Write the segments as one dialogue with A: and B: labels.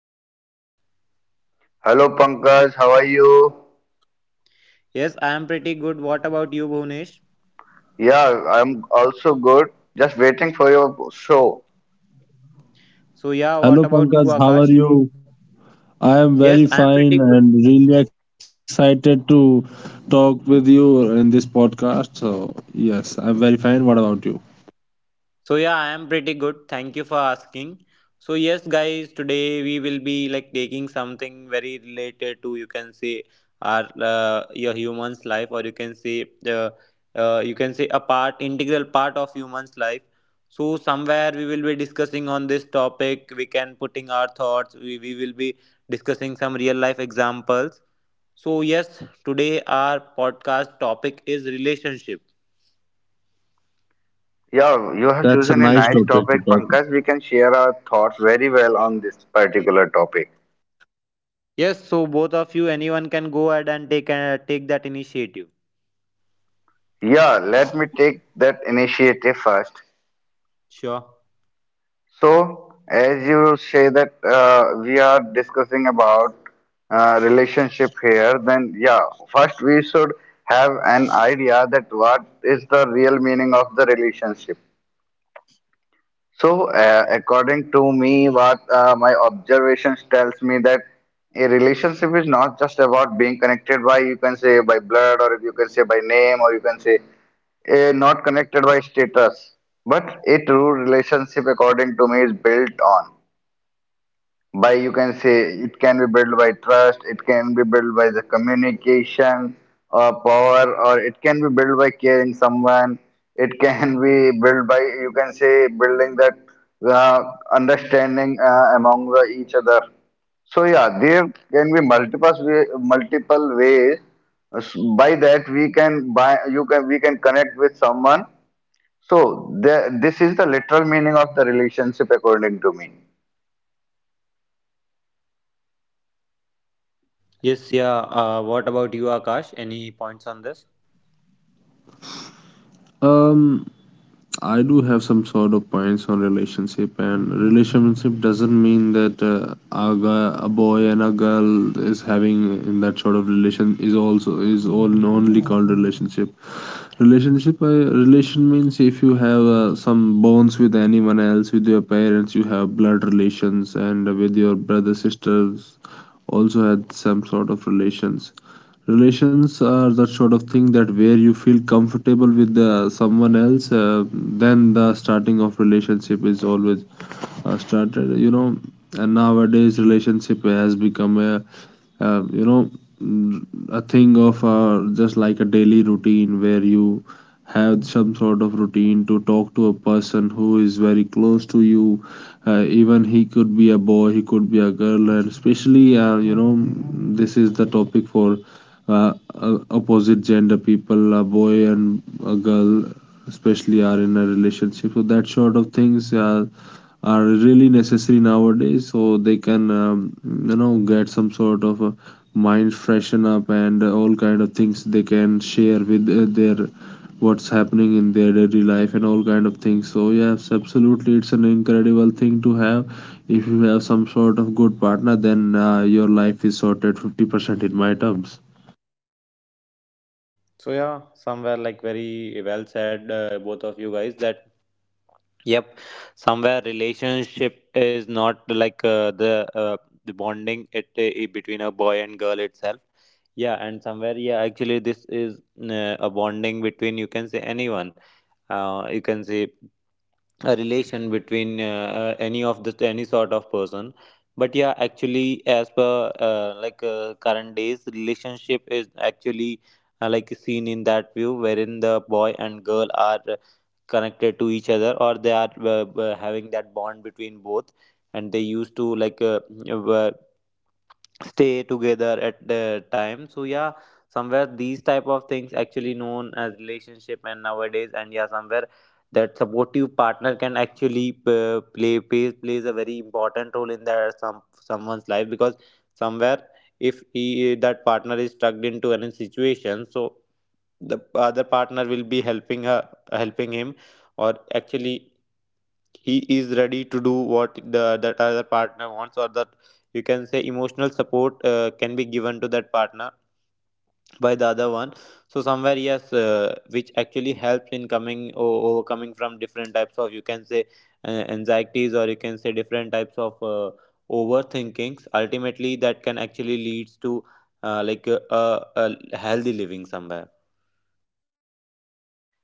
A: Welcome to the podcast.
B: Hello Pankaj, how are you?
A: Yes, I am pretty good. What about you, Bhunesh?
B: Yeah, I'm also good. Just waiting for your show.
A: So, yeah, what
C: Hello
A: about you,
C: Pankaj, how
A: Akash?
C: are you? I am
A: Yes,
C: very
A: I am pretty
C: fine
A: good.
C: and really excited to talk with you in this podcast. So, yes, I'm very fine. What about you?
A: So yeah, I am pretty good. Thank you for asking. So yes, guys, today we will be like taking something very related to you can say our your human's life, or uh, you can say a part integral part of human's life. So somewhere we will be discussing on this topic. We can putting our thoughts. We will be discussing some real life examples. So yes, today our podcast topic is relationship.
B: Yeah, you have
C: That's a
B: chosen a
C: nice
B: nice
C: topic to talk.
B: topic, Pankaj. We can share our thoughts very well on this particular topic.
A: Yes, so both of you, anyone can go ahead and take take that initiative.
B: Yeah, let me take that initiative first.
A: Sure.
B: So, as you say that we are discussing about relationship here, then yeah, first we should have an idea that what is the real meaning of the relationship. So, according to me, what my observations tells me that a relationship is not just about being connected by, you can say by blood, or you can say by name, or you can say not connected by status. But a true relationship, according to me, is built on by you can say it can be built by trust, it can be built by the communication or power, or it can be built by caring someone, it can be built by you can say building that uh, understanding among the each other. So yeah, there can be multiple ways. By that we can buy you can we can connect with someone. So the, this is the literal meaning of the relationship according to me.
A: Yes, yeah. What about you, Akash? Any points on this?
C: Um, I do have some sort of points on relationship, and relationship doesn't mean that a, guy, a boy and a girl is having in that sort of relation is also all only called relationship. Relationship, relation means if you have some bonds with anyone else, with your parents, you have blood relations, and with your brother sisters, also had some sort of relations. Relations are that sort of thing that where you feel comfortable with the someone else, then the starting of relationship is always started, you know. And nowadays relationship has become a you know, a thing of just like a daily routine where you have some sort of routine to talk to a person who is very close to you. Even he could be a boy, he could be a girl, and especially, you know, this is the topic for opposite gender people, a boy and a girl especially are in a relationship. So that sort of things are really necessary nowadays so they can you know, get some sort of mind freshen up, and all kind of things they can share with their, what's happening in their daily life and all kind of things. So yes, absolutely it's an incredible thing to have. If you have some sort of good partner, then your life is sorted 50% in my terms.
A: So yeah, somewhere like very well said, both of you guys. That yep. Somewhere relationship is not like uh, the bonding it between a boy and girl itself. Yeah, and somewhere yeah, actually this is a bonding between you can say anyone. You can say a relation between any of this any sort of person, but yeah actually as per like current days relationship is actually like seen in that view wherein the boy and girl are connected to each other, or they are having that bond between both, and they used to like uh, stay together at the time. So yeah, somewhere these type of things actually known as relationship, and nowadays and yeah somewhere that supportive partner can actually plays a very important role in their someone's life because somewhere if he that partner is stuck into any situation, so the other partner will be helping her, helping him, or actually he is ready to do what the that other partner wants, or that you can say emotional support can be given to that partner by the other one. So somewhere yes, which actually helps in coming overcoming from different types of you can say anxieties, or you can say different types of overthinkings ultimately that can actually leads to like a healthy living somewhere.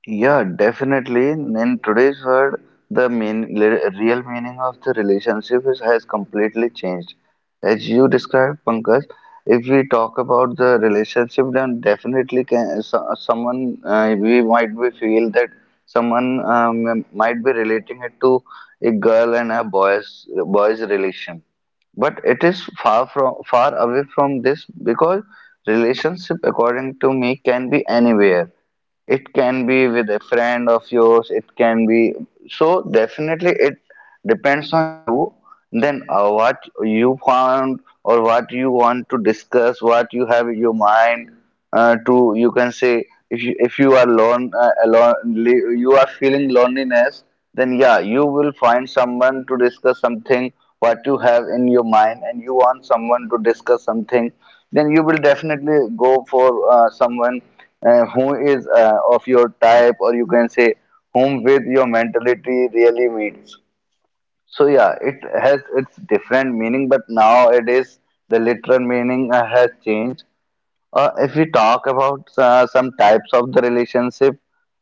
B: Yeah, definitely. In today's world, the real meaning of the relationship is, has completely changed. As you described, Pankaj, if we talk about the relationship, then definitely can, so, someone we might be feel that someone might be relating it to a girl and a boy's relation. But it is far from far away from this because relationship, according to me, can be anywhere, it can be with a friend of yours, it can be. So definitely it depends on you. Then what you found or what you want to discuss, what you have in your mind to you can say if you are lone alone, you are feeling loneliness, then yeah, you will find someone to discuss something what you have in your mind and you want someone to discuss something, then you will definitely go for someone who is of your type, or you can say whom with your mentality really meets. So yeah, it has its different meaning, but nowadays the literal meaning has changed. If we talk about some types of the relationship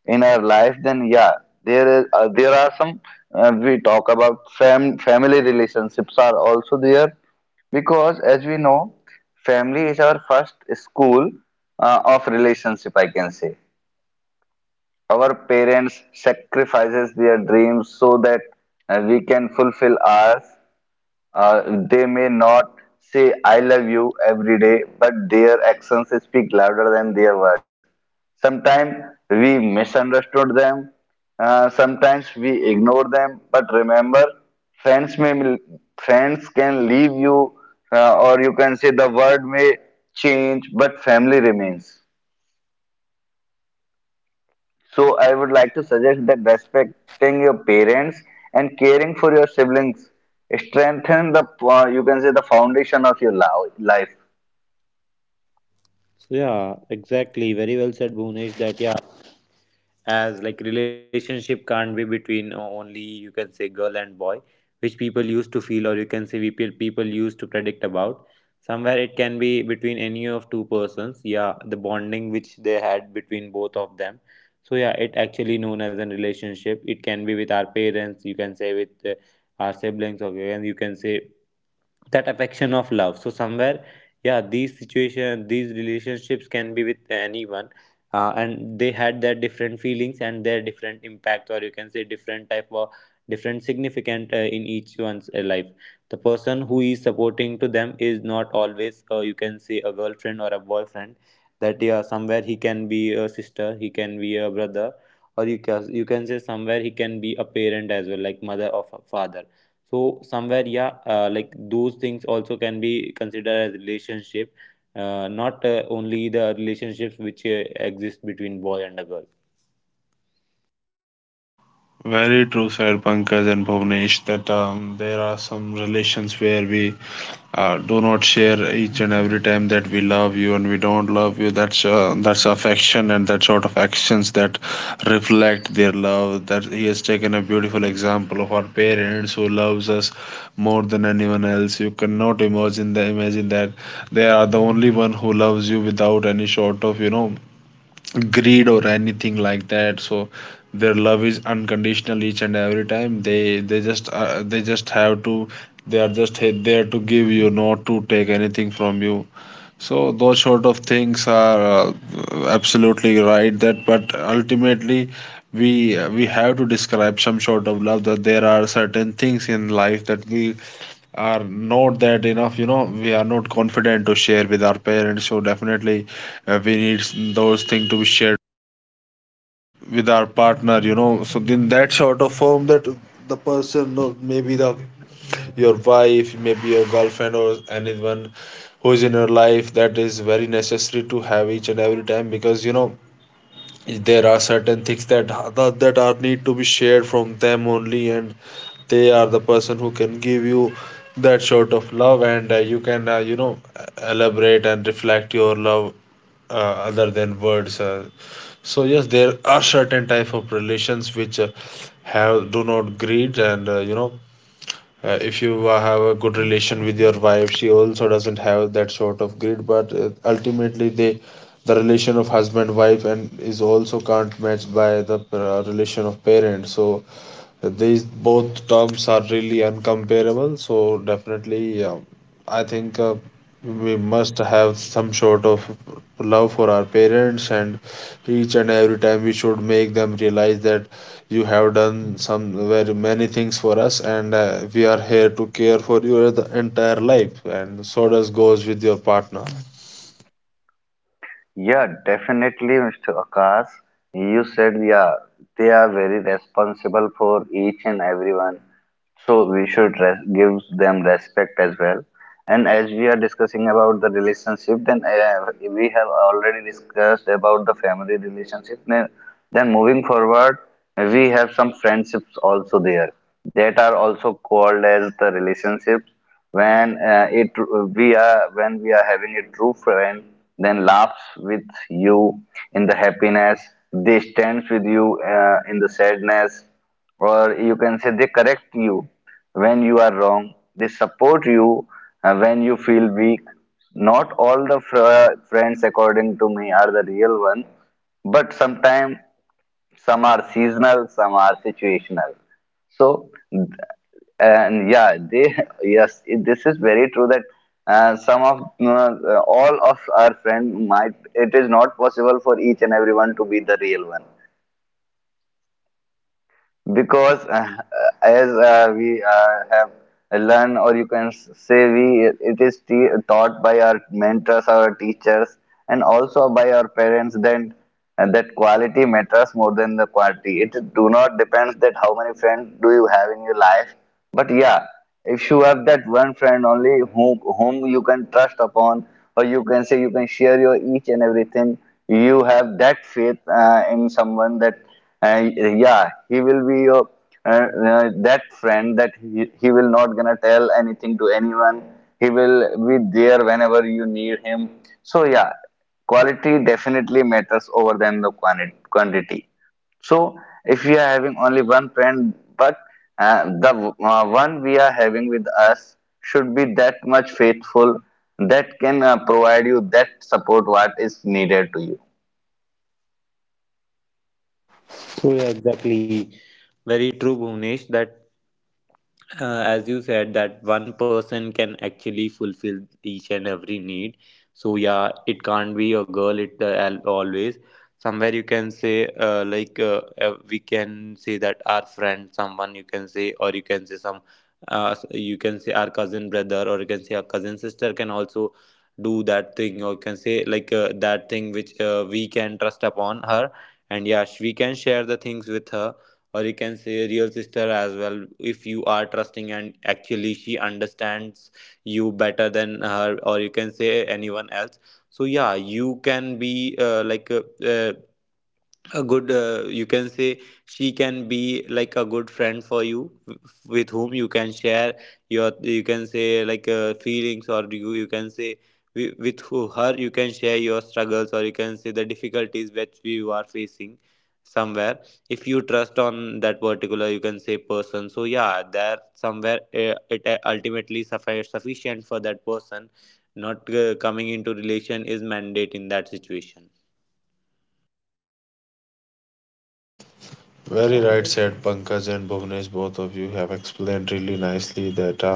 B: in our life, then yeah, there are some we talk about family relationships are also there, because as we know, family is our first school of relationship, I can say. Our parents sacrifices their dreams so that we can fulfill ours. Uh, they may not say "I love you" every day, but their actions speak louder than their words. Sometimes we misunderstood them. Sometimes we ignore them. But remember, friends may friends can leave you, or you can say the word may change, but family remains. So I would like to suggest that respecting your parents and caring for your siblings strengthen the you can say the foundation of your life.
A: So yeah exactly, very well said Bhunesh that yeah, as like relationship can't be between only you can say girl and boy, which people used to feel, or you can say people used to predict about. Somewhere it can be between any of two persons, yeah, the bonding which they had between both of them. So yeah, it actually known as a relationship. It can be with our parents, you can say with our siblings, or you can say that affection of love. So somewhere yeah, these situation these relationships can be with anyone, and they had their different feelings and their different impact, or you can say different type of different significant in each one's life. The person who is supporting to them is not always you can say a girlfriend or a boyfriend, that yeah somewhere he can be a sister, he can be a brother, or you can say somewhere he can be a parent as well, like mother or father. So somewhere yeah like those things also can be considered as relationship, not only the relationships which exist between boy and a girl.
C: Very true, Sir Pankaj and Bhuvnesh, that there are some relations where we do not share each and every time that we love you and we don't love you. That's that's affection, and that sort of actions that reflect their love. That he has taken a beautiful example of our parents, who loves us more than anyone else. You cannot imagine the imagine that they are the only one who loves you without any sort of, you know, greed or anything like that. So their love is unconditional. Each and every time they just they just have to, they are just there to give you, not to take anything from you. So those sort of things are uh, absolutely right. That, but ultimately we we have to describe some sort of love, that there are certain things in life that we are not that enough, you know, we are not confident to share with our parents. So definitely we need those things to be shared with our partner, you know, so in that sort of form that the person, or maybe the your wife, maybe your girlfriend or anyone who is in your life, that is very necessary to have each and every time. Because you know there are certain things that that are need to be shared from them only, and they are the person who can give you that sort of love. And you can you know, elaborate and reflect your love other than words. So yes, there are certain type of relations which have do not greed, and you know, if you have a good relation with your wife, she also doesn't have that sort of greed. But ultimately they, the relation of husband wife and is also can't matched by the relation of parents. So these both terms are really uncomparable, so definitely, yeah, I think we must have some sort of love for our parents, and each and every time we should make them realize that you have done some very many things for us, and we are here to care for you the entire life, and so does goes with your partner.
B: Yeah, definitely, Mr. Akash. You said yeah, they are very responsible for each and everyone. So we should res give them respect as well. And as we are discussing about the relationship, then we have already discussed about the family relationship. Then moving forward, we have some friendships also there that are also called as the relationships. When it we are when we are having a true friend, then laughs with you in the happiness. They stands with you in the sadness, or you can say they correct you when you are wrong, they support you when you feel weak. Not all the friends, according to me, are the real ones, but sometimes some are seasonal, some are situational. So and yeah, they yes, this is very true that some of all of our friends might, it is not possible for each and everyone to be the real one, because as we have learned, or you can say we, it is taught by our mentors, our teachers, and also by our parents. Then and that quality matters more than the quantity. It do not depends that how many friends do you have in your life, but yeah, if you have that one friend only whom you can trust upon, or you can say you can share your each and everything, you have that faith in someone that and yeah, he will be your uh, that friend that he will not gonna tell anything to anyone, he will be there whenever you need him. So yeah, quality definitely matters over than the quantity. So if we are having only one friend, but the one we are having with us should be that much faithful that can provide you that support what is needed to you.
A: So yeah, exactly, very true Bhuvnesh, that as you said that one person can actually fulfill each and every need. So yeah, it can't be a girl, it always somewhere, you can say like we can say that our friend someone, you can say, or you can say some you can say our cousin brother, or you can say our cousin sister can also do that thing, or you can say like that thing which we can trust upon her. And yeah we can share the things with her, or you can say real sister as well if you are trusting and actually she understands you better than her, or you can say anyone else. So yeah, you can be like a good you can say she can be like a good friend for you with whom you can share your you can say like feelings, or you can say with who her you can share your struggles, or you can say the difficulties which you are facing somewhere. If you trust on that particular you can say person, so yeah there somewhere it ultimately sufficient for that person. Not coming into relation is mandate in that situation.
C: Very right said, Pankaj and Bhuvnesh. Both of you have explained really nicely that.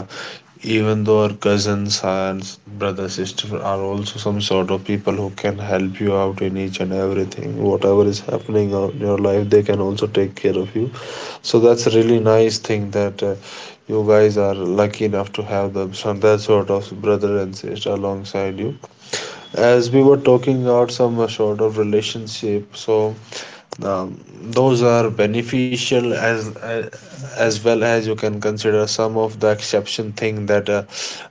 C: Even though our cousins and brother sister are also some sort of people who can help you out in each and everything, whatever is happening out in your life, they can also take care of you. So that's a really nice thing that you guys are lucky enough to have them, some that sort of brother and sister alongside you. As we were talking about some sort of relationship, so those are beneficial as well as you can consider some of the exception thing that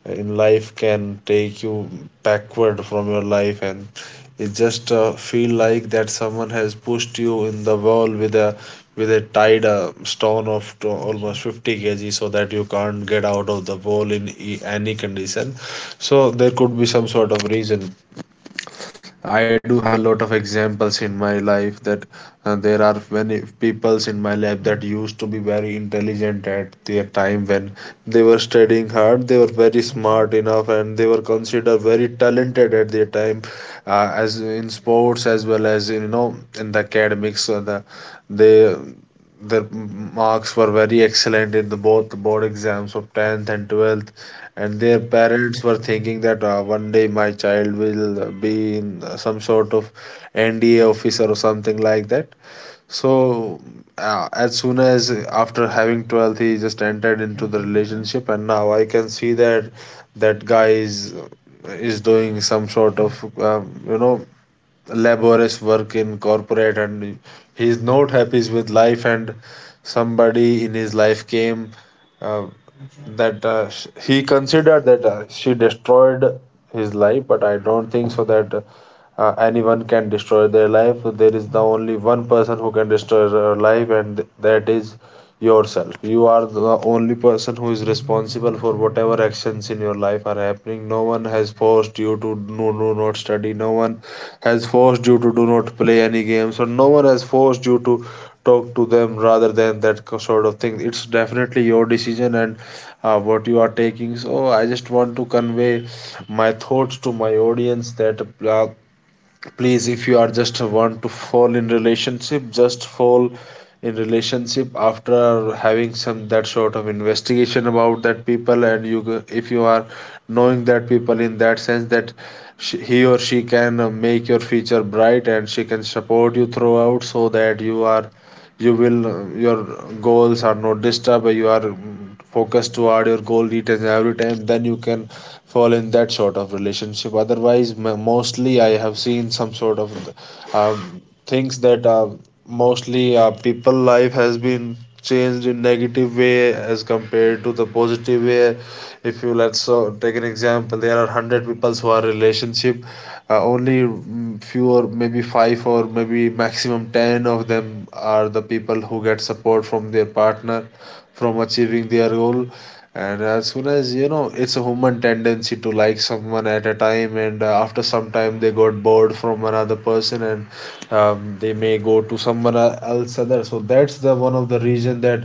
C: in life can take you backward from your life. And it just feel like that someone has pushed you in the wall with a, with a tied stone of to almost 50 kg, so that you can't get out of the wall in any condition. So there could be some sort of reason. I do have a lot of examples in my life that there are many peoples in my life that used to be very intelligent at their time, when they were studying hard. They were very smart enough and they were considered very talented at their time, as in sports as well as in, you know, in the academics. So the they, their marks were very excellent in the both board exams of 10th and 12th, and their parents were thinking that one day my child will be in some sort of NDA officer or something like that. So, as soon as after having twelfth, he just entered into the relationship, and now I can see that that guy is doing some sort of you know, laborious work in corporate, and he's not happy with life, and somebody in his life came uh, that he considered that she destroyed his life. But I don't think so that anyone can destroy their life. There is the only one person who can destroy your life, and that is yourself. You are the only person who is responsible for whatever actions in your life are happening. No one has forced you to no, no, not study. No one has forced you to do not play any games, or no one has forced you to talk to them rather than sort of thing. It's definitely your decision, and what you are taking. So I just want to convey my thoughts to my audience that please, if you are just want to fall in relationship, just fall in relationship after having some that sort of investigation about that people. And if you are knowing that people in that sense that sh, he or she can make your future bright and she can support you throughout, so that you are, you will, your goals are not disturbed, you are focused toward your goal each and every time, then you can fall in that sort of relationship. Otherwise, mostly I have seen some sort of things that mostly people life has been changed in negative way as compared to the positive way. If you, let's take an example, there are 100 people who are relationship, only few or maybe five or maybe maximum 10 of them are the people who get support from their partner from achieving their goal. And as soon as, you know, it's a human tendency to like someone at a time, and after some time they got bored from another person, and they may go to someone else other. So that's the one of the reason that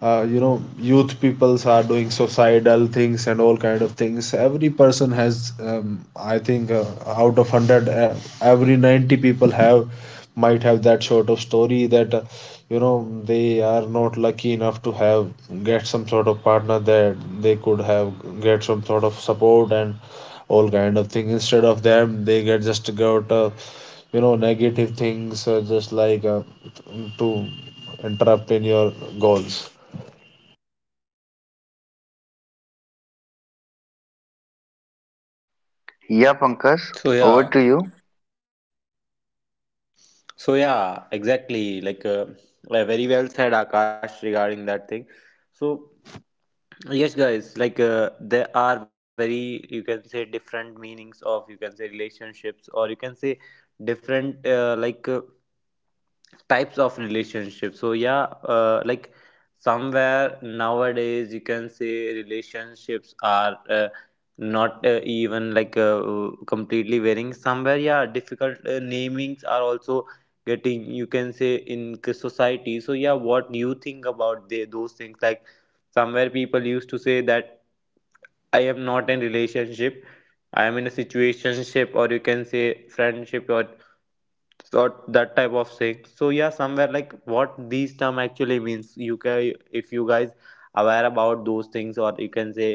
C: you know, youth peoples are doing suicidal things and all kind of things. Every person has I think out of 100, every 90 people have, might have that sort of story that you know, they are not lucky enough to have get some sort of partner, that they could have get some sort of support and all kind of thing. Instead of them, they get, just got a, you know, negative things, just like to interrupt in your goals.
B: Yeah, Pankaj,
A: So
B: over
A: yeah,
B: to you.
A: So yeah, exactly. Like very well said, Akash, regarding that thing. So yes, guys, like there are very you can say different meanings of you can say relationships, or you can say different like types of relationships. So yeah like somewhere nowadays you can say relationships are not even like completely varying somewhere, yeah difficult namings are also getting you can say in society. So yeah, what do you think about the, those things? Like somewhere people used to say that I am not in relationship, I am in a situationship, or you can say friendship or sort that type of thing. So yeah somewhere like what these term actually means, you can if you guys aware about those things, or you can say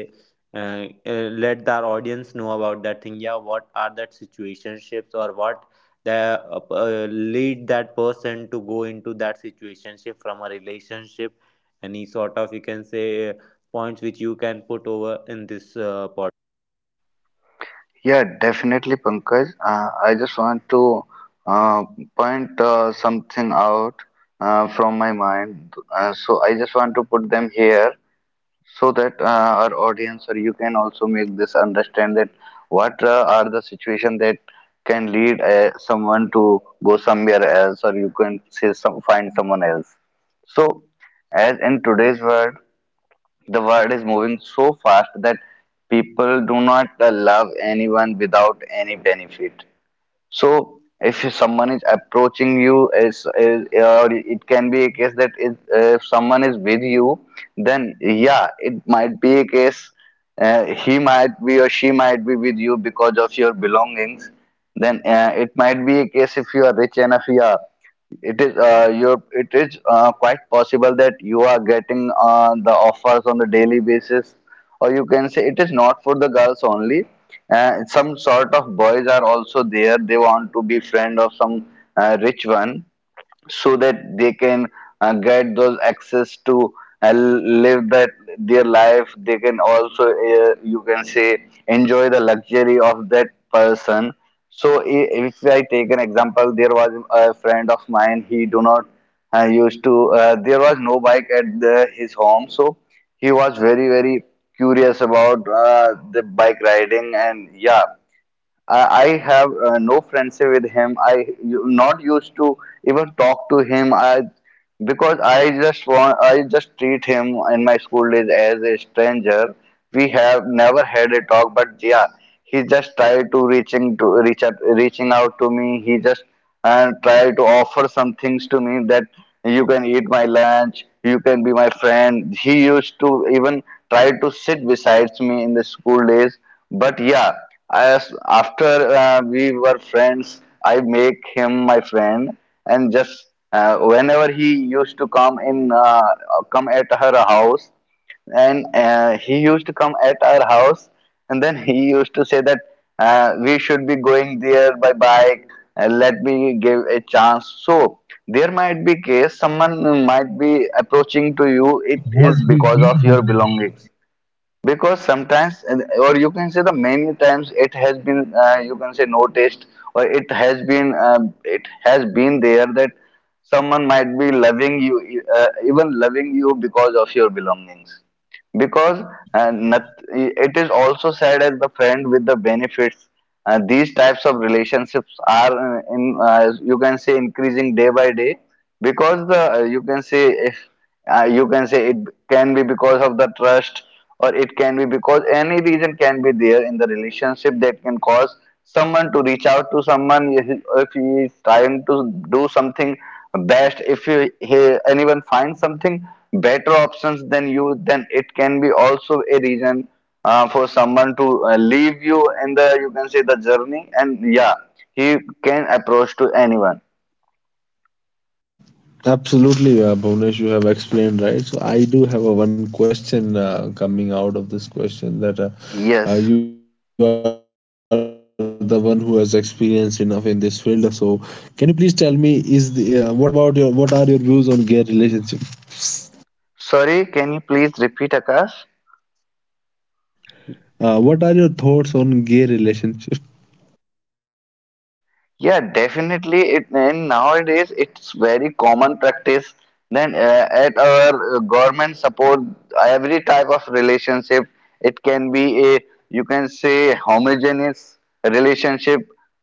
A: let the audience know about that thing. Yeah, what are that situationships, or what the uh, uh, lead that person to go into that situationship from a relationship, any sort of you can say points which you can put over in this podcast.
B: Yeah, definitely, Pankaj. I just want to uh, point something out from my mind. So I just want to put them here so that our audience or you can also make this
A: Yep, go ahead.
B: understand that what are the situation that can lead someone to go somewhere else, or you can say some find someone else. So as in today's world, the world is moving so fast that people do not love anyone without any benefit. So if someone is approaching you, is or it can be a case if someone is with you, then yeah, it might be a case, he might be or she might be with you because of your belongings. Then it might be a case if you are rich enough, yeah, it is quite possible that you are getting the offers on the daily basis, or you can say it is not for the girls only. Some sort of boys are also there. They want to be friend of some rich one, so that they can get those access to live that their life, they can also you can say enjoy the luxury of that person. So if I take an example, there was a friend of mine, he do not used to there was no bike at his home. So he was very curious about the bike riding. And yeah, I have no friendship with him. I you, not used to even talk to him. I because I just treat him in my school days as a stranger. We have never had a talk, but yeah, he just tried to reaching to reach out, reaching out to me. He just and tried to offer some things to me that you can eat my lunch, you can be my friend. He used to even try to sit besides me in the school days. But yeah, as after we were friends, I make him my friend, and just whenever he used to come at her house, and he used to come at our house, and then he used to say that we should be going there by bike, let me give a chance. So there might be case someone might be approaching to you, it is because of your belongings, because sometimes or you can say the many times it has been you can say noticed, or it has been there that someone might be loving you, even loving you because of your belongings, because not, it is also said as the friend with the benefits. These types of relationships are in you can say increasing day by day, because the you can say if you can say it can be because of the trust, or it can be because any reason can be there in the relationship that can cause someone to reach out to someone. If he is trying to do something best, if anyone finds something better options than you, then it can be also a reason for someone to leave you in the you can say the journey. And yeah, he can approach to anyone.
C: Absolutely, Bhuvnesh, you have explained right. So I do have a one question coming out of this question, that you
B: Yes,
C: are the one who has experience enough in this field. So can you please tell me, is the what about your, what are your views on gay relationship?
B: sorry, can you please repeat, Akash?
C: What are your thoughts on gay relationship?
B: Yeah, definitely. It and nowadays it's very common practice. Then at our government support every type of relationship. It can be a, you can say, homogeneous relationship.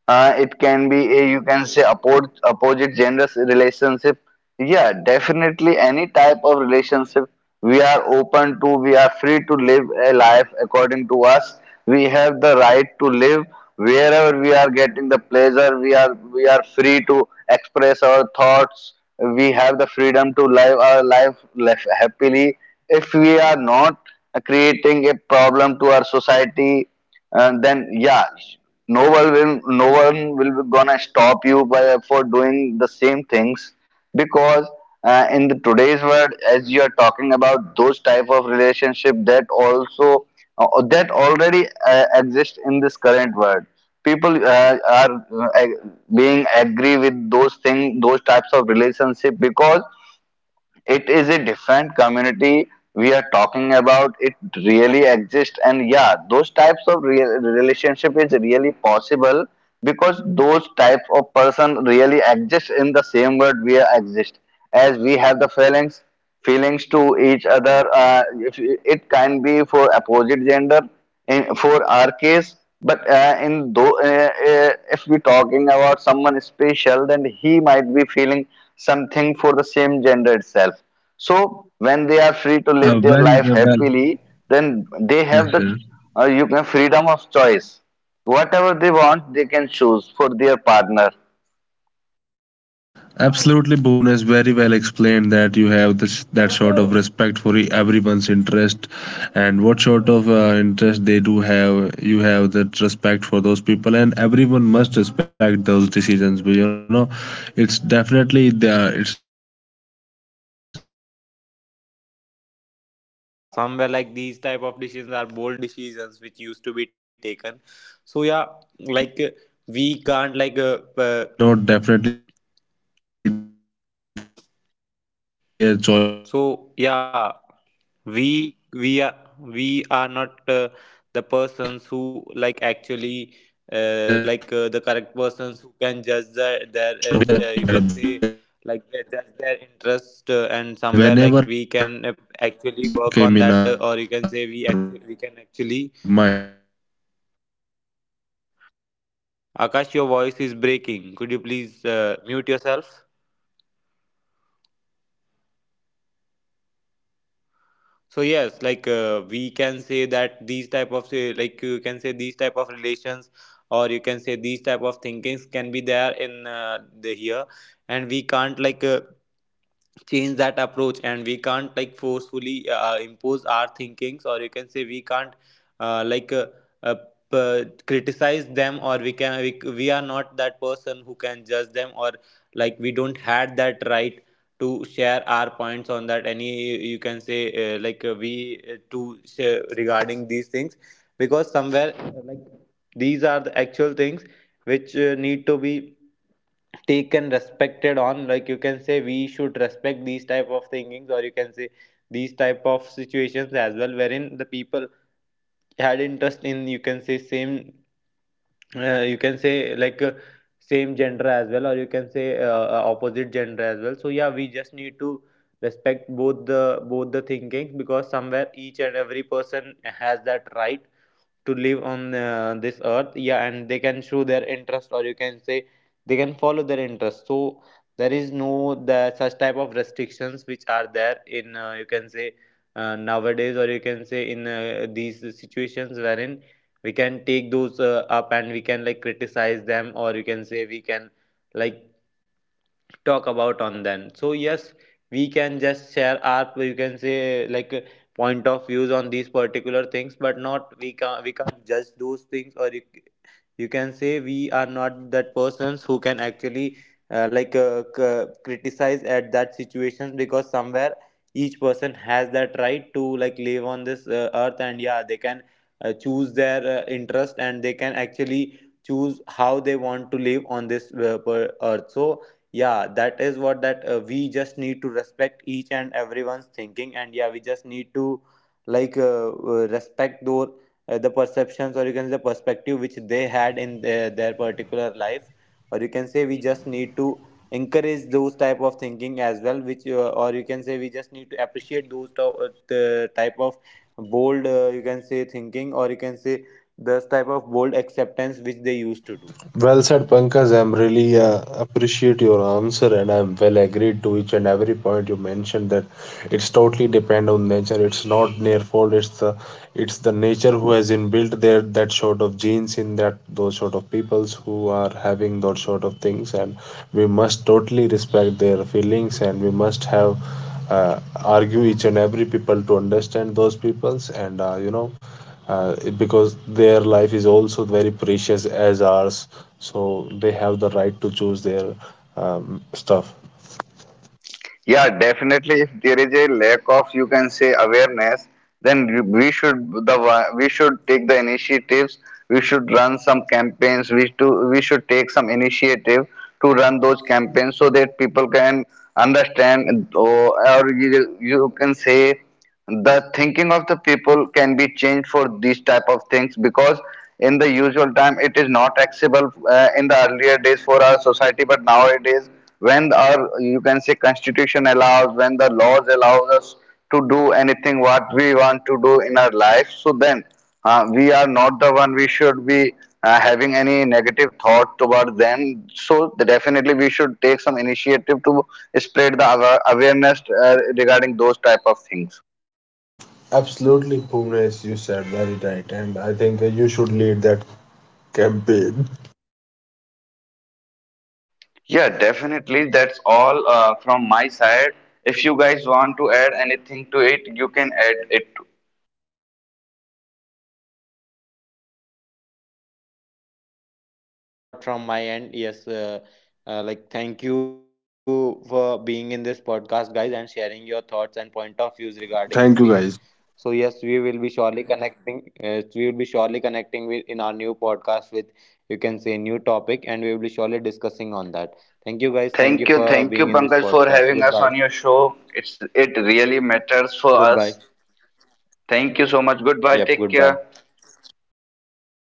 B: It can be a, you can say, opposite genders relationship. Yeah, definitely, any type of relationship we are open to, we are free to live a life according to us. We have the right to live wherever we are getting the pleasure, we are free to express our thoughts, we have the freedom to live our life happily. If we are not creating a problem to our society, and then yeah, no one will be gonna stop you by for doing the same things, because in the today's world, as you are talking about those type of relationship that also that already exist in this current world, people uh, ag- being agree with those thing, those types of relationship, because it is a different community we are talking about, it really exists. And yeah, those types of real relationship is really possible, because those types of person really exist in the same world we are exist. As we have the feelings to each other, if it can be for opposite gender in, for our case. But if we talking about someone special, then he might be feeling something for the same gender itself. So when they are
C: Uh,
B: free to
C: very uh,
B: live their
C: well.
B: life happily, then
C: Yes,
B: they
C: yes.
B: have the you can freedom of choice. Whatever they want, they can choose for their partner.
C: Absolutely, Boone has very well explained that you have this that sort of respect for everyone's interest, and what sort of interest they do have. You have that respect for those people, and everyone must respect those decisions. But you know, it's definitely their, it's not definitely their choice. It's a sort of nature which
A: So
C: nature
A: yeah,
C: has
A: somewhere
C: big,
A: like these type of
C: made
A: decisions are
C: them. So
A: bold
C: that sort of
A: decisions which
C: feelings,
A: used
C: if
A: to be
C: they are
A: taken.
C: developing that
A: So
C: sort of
A: yeah,
C: feeling, that's
A: like
C: really
A: we
C: nice. And
A: can't like
C: they do have their own right for having those sort of relationships as well. So very well explained, Bhuvnesh, I was
A: so
C: expecting
A: yeah,
C: those sort of
A: we
C: answers from
A: we
C: you.
A: are we are not
C: And
A: the
C: I just
A: persons
C: have
A: who
C: to add
A: like
C: some
A: actually
C: more points on
A: like
C: these
A: the
C: kind of
A: correct
C: things, that
A: persons who can
C: you know,
A: judge their you can
C: whenever a
A: say,
C: term
A: like they
C: relationship
A: judge
C: came in
A: their
C: our
A: interest,
C: mind,
A: and
C: we
A: somewhere
C: were
A: like we
C: very
A: can
C: you know,
A: actually
C: curious
A: work on that,
C: to
A: or you
C: have
A: can
C: that
A: say
C: sort of thing
A: we
C: that
A: can actually
C: uh, should we fall in those kind of things, or should
A: Akash, your
C: we
A: voice is
C: uh,
A: breaking. Could you please
C: leave those kind
A: mute
C: of things,
A: yourself?
C: when especially when you are turning on the turning track of your future.
A: So
C: So what
A: yes,
C: are your
A: like
C: views
A: we can
C: on
A: say
C: this,
A: that
C: Pankaj?
A: these type of say, like you can say these type of relations, or you can say these type of thinkings can be there in the here, and we can't like change that approach, and we can't like forcefully impose our thinkings, or you can say we can't like uh, criticize them. Or we can we are not that person who can judge them, or like we don't had that right to share our points on that any you can say like we to share regarding these things, because somewhere like these are the actual things which need to be taken respected on. Like you can say we should respect these type of thinkings, or you can say these type of situations as well wherein the people had interest in you can say same you can say like same gender as well, or you can say opposite gender as well. So yeah we just need to respect both the thinkings, because somewhere each and every person has that right to live on this earth, yeah, and they can show their interest, or you can say they can follow their interest. So there is no the such type of restrictions which are there in you can say nowadays, or you can say in these situations wherein we can take those up and we can like criticize them, or you can say we can like talk about on then. So yes, we can just share our you can say like point of views on these particular things, but not we can't, we can't judge those things, or you can say we are not that persons who can actually like criticize at that situation, because somewhere each person has that right to like live on this earth, and yeah they can choose their interest, and they can actually choose how they want to live on this earth. So yeah, that is what that we just need to respect each and everyone's thinking, and yeah we just need to like respect those the perceptions, or you can say the perspective which they had in their particular life, or you can say we just need to encourage those type of thinking as well which or you can say we just need to appreciate those the type of bold you can say thinking, or you can say this type of bold acceptance which they used to do.
C: Well said, Pankaj. I'm really appreciate your answer, and I'm well agreed to each and every point you mentioned. That it's totally depend on nature. It's not their fault. It's the, it's the nature who has inbuilt their that sort of genes in that, those sort of peoples who are having those sort of things. And we must totally respect their feelings, and we must have argue each and every people to understand those peoples, and you know, because their life is also very precious as ours. So they have the right to choose their stuff.
B: Yeah, definitely. If there is a lack of, you can say, awareness, then we should we should take the initiatives. We should run some campaigns. We should take some initiative to run those campaigns so that people can understand, you can say the thinking of the people can be changed for these type of things, because in the usual time it is not accessible in the earlier days for our society. But nowadays, when our you can say constitution allows, when the laws allows us to do anything what we want to do in our life, so then we are not the one, we should be having any negative thought toward them. So definitely we should take some initiative to spread the awareness regarding those type of things.
C: Absolutely, Bhuvnesh, you said very right, and I think you should lead that campaign.
B: Yeah, definitely. That's all from my side. If you guys want to add anything to it, you can add it.
A: Yeah, like that's what from my end. Yes, like thank you for being in this podcast, guys, and sharing your thoughts and point of views regarding the same.
C: Thank you, guys.
A: So yes, we will be surely connecting. We will be surely connecting with in our new podcast with you can say new topic, and we will be surely discussing on that. Thank you, guys. Thank you for
B: Thank you,
A: being in this
B: Pankaj, for
A: podcast.
B: having us
A: Goodbye.
B: on your show. It really matters for
A: Goodbye.
B: us. Thank you so much. Goodbye.
A: Yep.
B: Take
A: Goodbye.
B: care.